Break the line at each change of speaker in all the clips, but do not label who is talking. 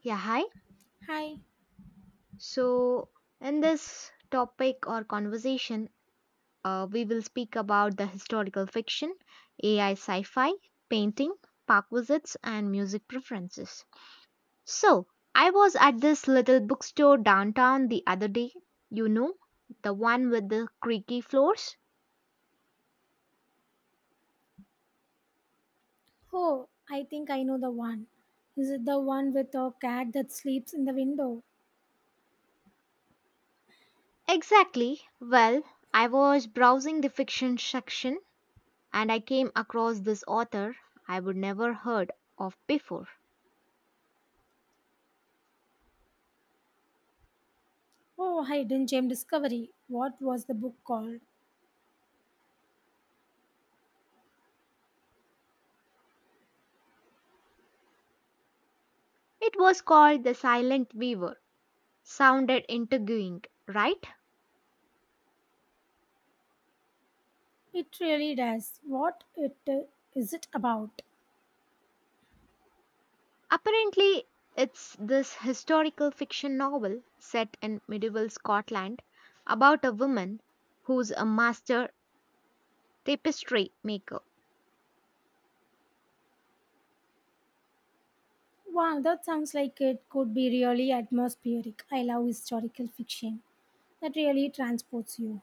Yeah, hi.
Hi.
So, in this topic or conversation, we will speak about the historical fiction, AI sci fi, painting, park visits, and music preferences. So, I was at this little bookstore downtown the other day. You know, the one with the creaky floors?
Oh, I think I know the one. Is it the one with a cat that sleeps in the window?
Exactly. Well, I was browsing the fiction section and I came across this author I would never heard of before.
Oh, Hidden Gem Discovery. What was the book called?
It was called The Silent Weaver. Sounded intriguing, right?
It really does. What it is it about?
Apparently, it's this historical fiction novel set in medieval Scotland about a woman who's a master tapestry maker.
Wow, that sounds like it could be really atmospheric. I love historical fiction. That really transports you.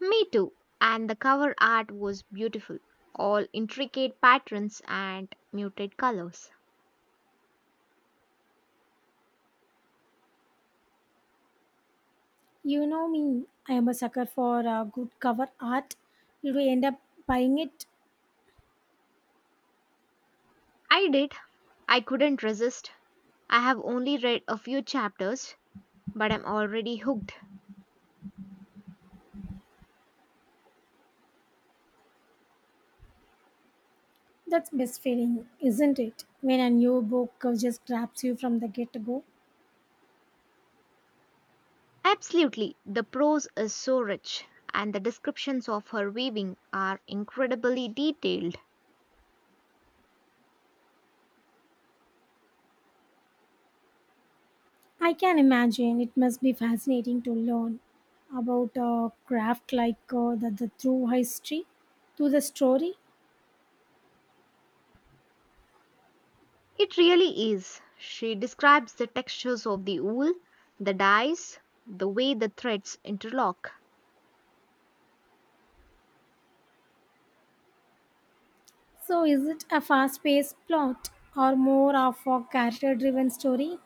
Me too. And the cover art was beautiful, all intricate patterns and muted colors.
You know me. I am a sucker for good cover art. Did we end up buying it?
I did. I couldn't resist. I have only read a few chapters, but I'm already hooked.
That's best feeling, isn't it? When a new book just grabs you from the get-go.
Absolutely, the prose is so rich, and the descriptions of her weaving are incredibly detailed.
I can imagine it must be fascinating to learn about a craft like the true history to the story.
It really is. She describes the textures of the wool, the dyes, the way the threads interlock.
So is it a fast-paced plot or more of a character-driven story?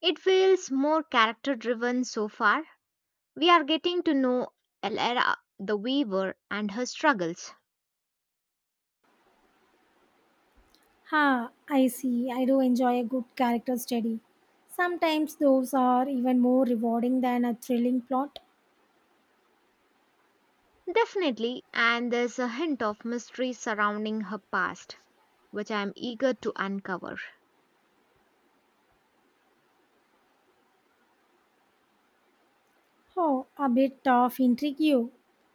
It feels more character driven so far. We are getting to know Elera the weaver and her struggles.
Ha, I see. I do enjoy a good character study. Sometimes those are even more rewarding than a thrilling plot.
Definitely, and there's a hint of mystery surrounding her past, which I am eager to uncover.
Oh, a bit of intrigue.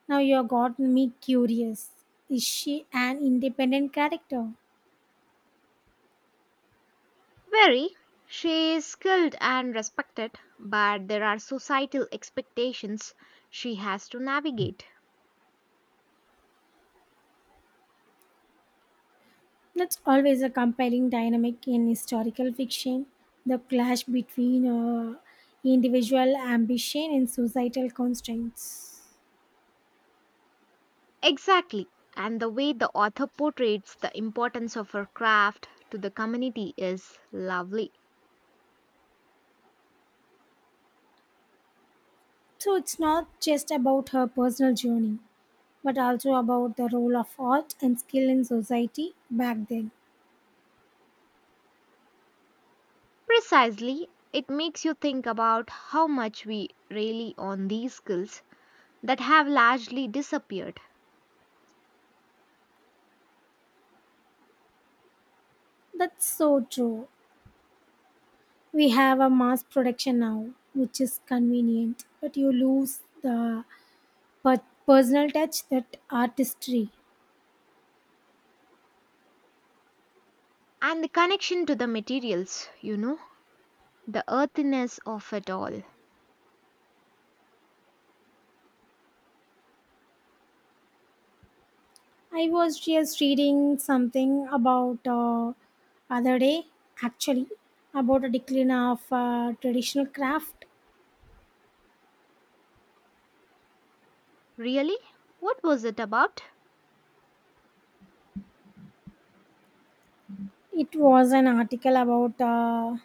Now you've got me curious. Is she an independent character?
Very. She is skilled and respected, but there are societal expectations she has to navigate.
That's always a compelling dynamic in historical fiction. The clash between individual ambition and societal constraints.
Exactly. And the way the author portrays the importance of her craft to the community is lovely.
So it's not just about her personal journey, but also about the role of art and skill in society back then.
Precisely, it makes you think about how much we rely on these skills that have largely disappeared
That's so true. We have a mass production now, which is convenient, but you lose the personal touch that artistry.
and the connection to the materials, you know, the earthiness of it all.
I was just reading something about other day, actually, about a decline of traditional craft.
Really? What was it about?
It was an article about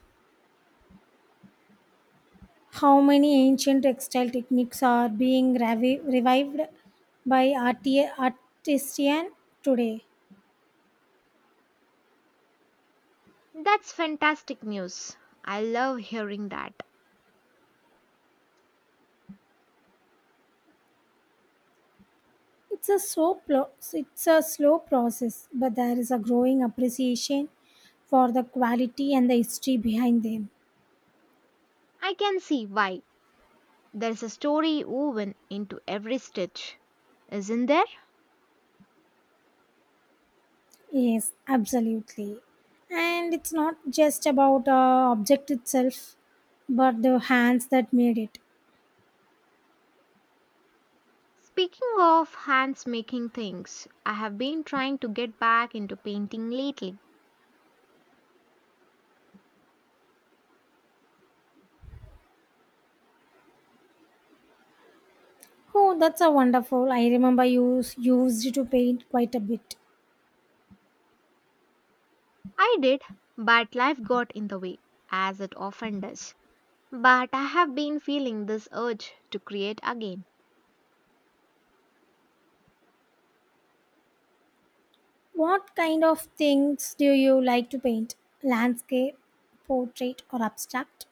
how many ancient textile techniques are being revived by artisan today.
That's fantastic news. I love hearing that.
It's it's a slow process, but there is a growing appreciation for the quality and the history behind them.
I can see why. There's a story woven into every stitch, isn't there?
Yes, absolutely. And it's not just about object itself, but the hands that made it.
Speaking of hands making things, I have been trying to get back into painting lately.
Oh, that's a wonderful. I remember you used to paint quite a bit.
I did, but life got in the way, as it often does. But I have been feeling this urge to create again.
What kind of things do you like to paint? Landscape, portrait, or abstract?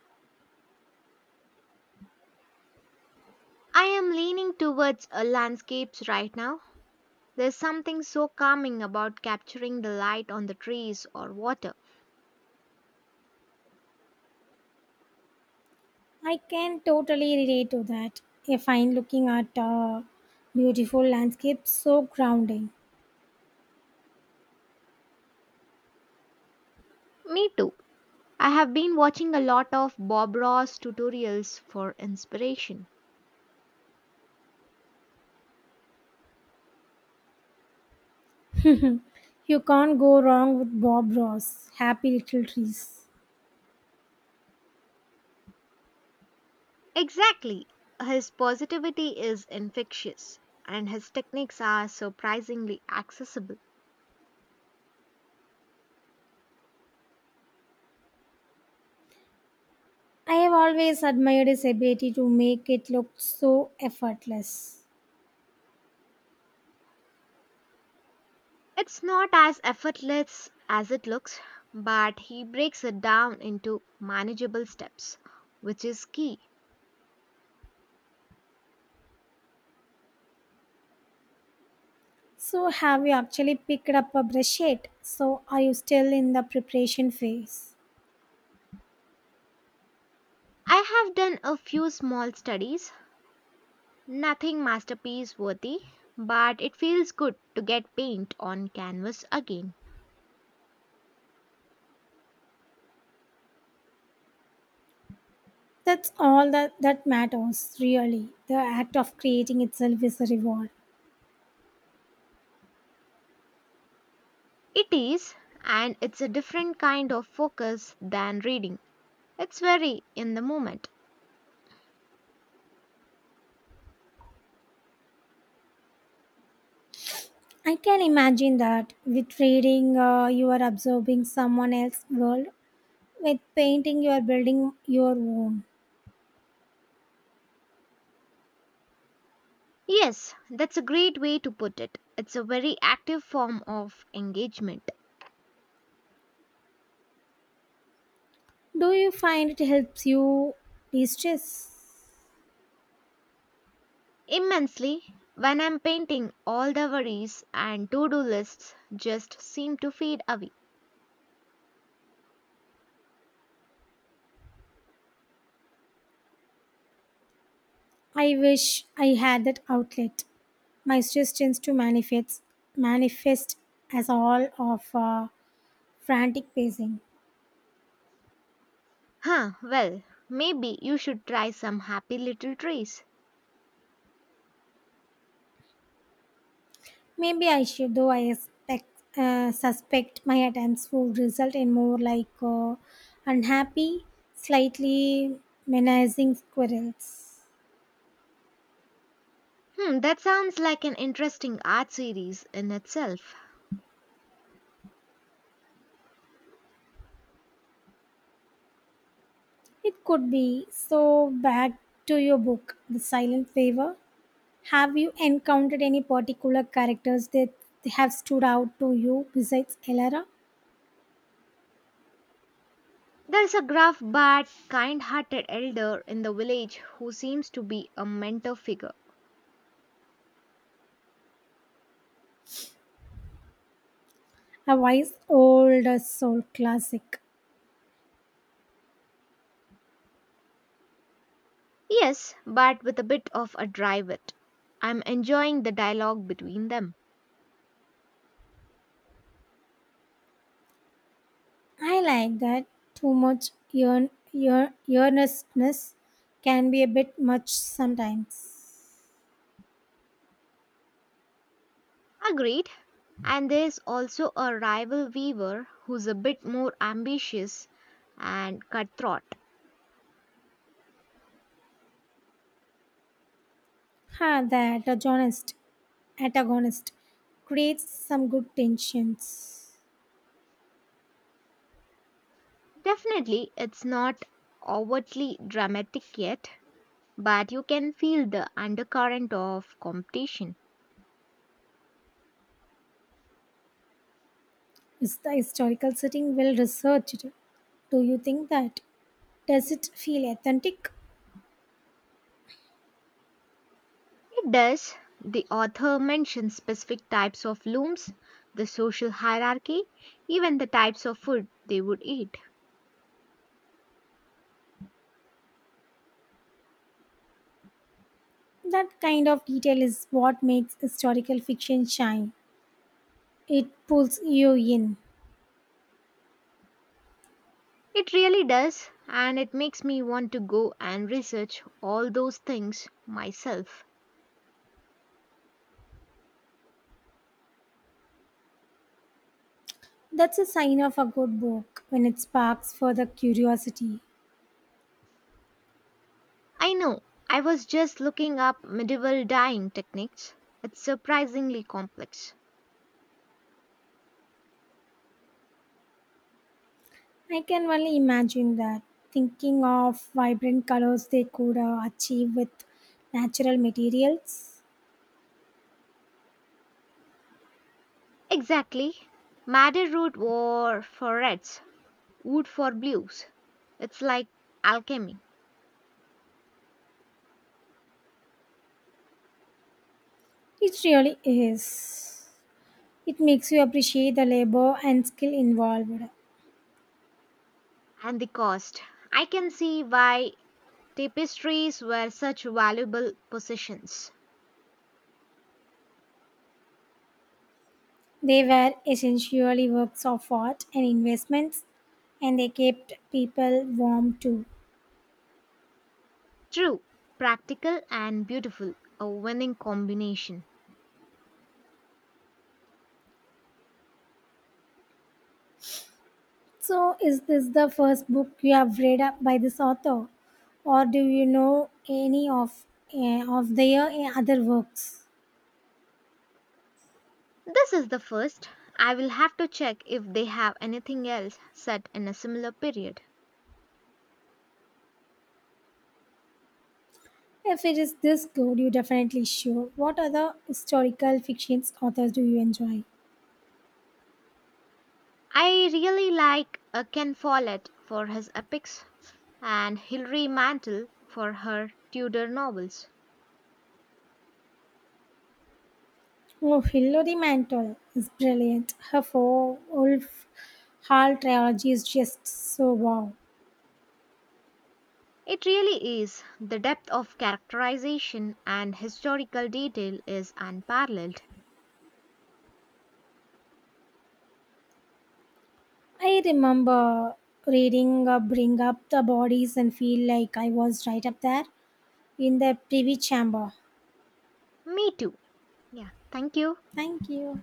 I am leaning towards landscapes right now. There's something so calming about capturing the light on the trees or water.
I can totally relate to that. I find looking at beautiful landscapes so grounding.
Me too. I have been watching a lot of Bob Ross tutorials for inspiration.
You can't go wrong with Bob Ross, Happy Little Trees.
Exactly. His positivity is infectious, and his techniques are surprisingly accessible.
I have always admired his ability to make it look so effortless.
It's not as effortless as it looks, but he breaks it down into manageable steps, which is key.
So, have you actually picked up a brush yet? So, are you still in the preparation phase?
I have done a few small studies. Nothing masterpiece worthy, but it feels good to get paint on canvas again.
That's all that matters, really. The act of creating itself is a reward.
It is, and it's a different kind of focus than reading. It's very in the moment.
I can imagine that with reading, you are absorbing someone else's world. With painting, you are building your own.
Yes, that's a great way to put it. It's a very active form of engagement.
Do you find it helps you de stress?
Immensely, when I'm painting, all the worries and to do lists just seem to fade away.
I wish I had that outlet. My stress tends to manifest as all of frantic pacing.
Huh, well, maybe you should try some happy little trees.
Maybe I should, though I suspect my attempts would result in more like unhappy, slightly menacing squirrels.
Hmm, that sounds like an interesting art series in itself.
It could be. So, back to your book, The Silent Favor. Have you encountered any particular characters that have stood out to you besides Elara?
There's a gruff but kind hearted elder in the village who seems to be a mentor figure.
A wise old soul classic.
Yes, but with a bit of a dry wit. I'm enjoying the dialogue between them.
I like that too much earnestness can be a bit much sometimes.
Agreed. And there's also a rival weaver who's a bit more ambitious and cutthroat.
Ha, that antagonist creates some good tensions.
Definitely, it's not overtly dramatic yet, but you can feel the undercurrent of competition.
Is the historical setting well researched? Do you think that? Does it feel authentic?
It does. The author mentions specific types of looms, the social hierarchy, even the types of food they would eat.
That kind of detail is what makes historical fiction shine. It pulls you in.
It really does, and it makes me want to go and research all those things myself.
That's a sign of a good book when it sparks further curiosity.
I know, I was just looking up medieval dyeing techniques. It's surprisingly complex.
I can only imagine that, thinking of vibrant colors they could achieve with natural materials.
Exactly. Madder root wore for reds, Wood for blues. It's like alchemy.
It really is. It makes you appreciate the labor and skill involved.
And the cost. I can see why tapestries were such valuable possessions.
They were essentially works of art and investments, and they kept people warm too.
True, practical and beautiful, a winning combination.
So, is this the first book you have read up by this author, or do you know any of their other works?
This is the first. I will have to check if they have anything else set in a similar period.
If it is this good, you definitely sure. What other historical fiction authors do you enjoy?
I really like Ken Follett for his epics and Hilary Mantel for her Tudor novels.
Oh, Hilary Mantel is brilliant. Her four Wolf Hall trilogy is just so wow.
It really is. The depth of characterization and historical detail is unparalleled.
I remember reading Bring Up the Bodies and feel like I was right up there in the privy chamber.
Me too. Yeah, thank you.
Thank you.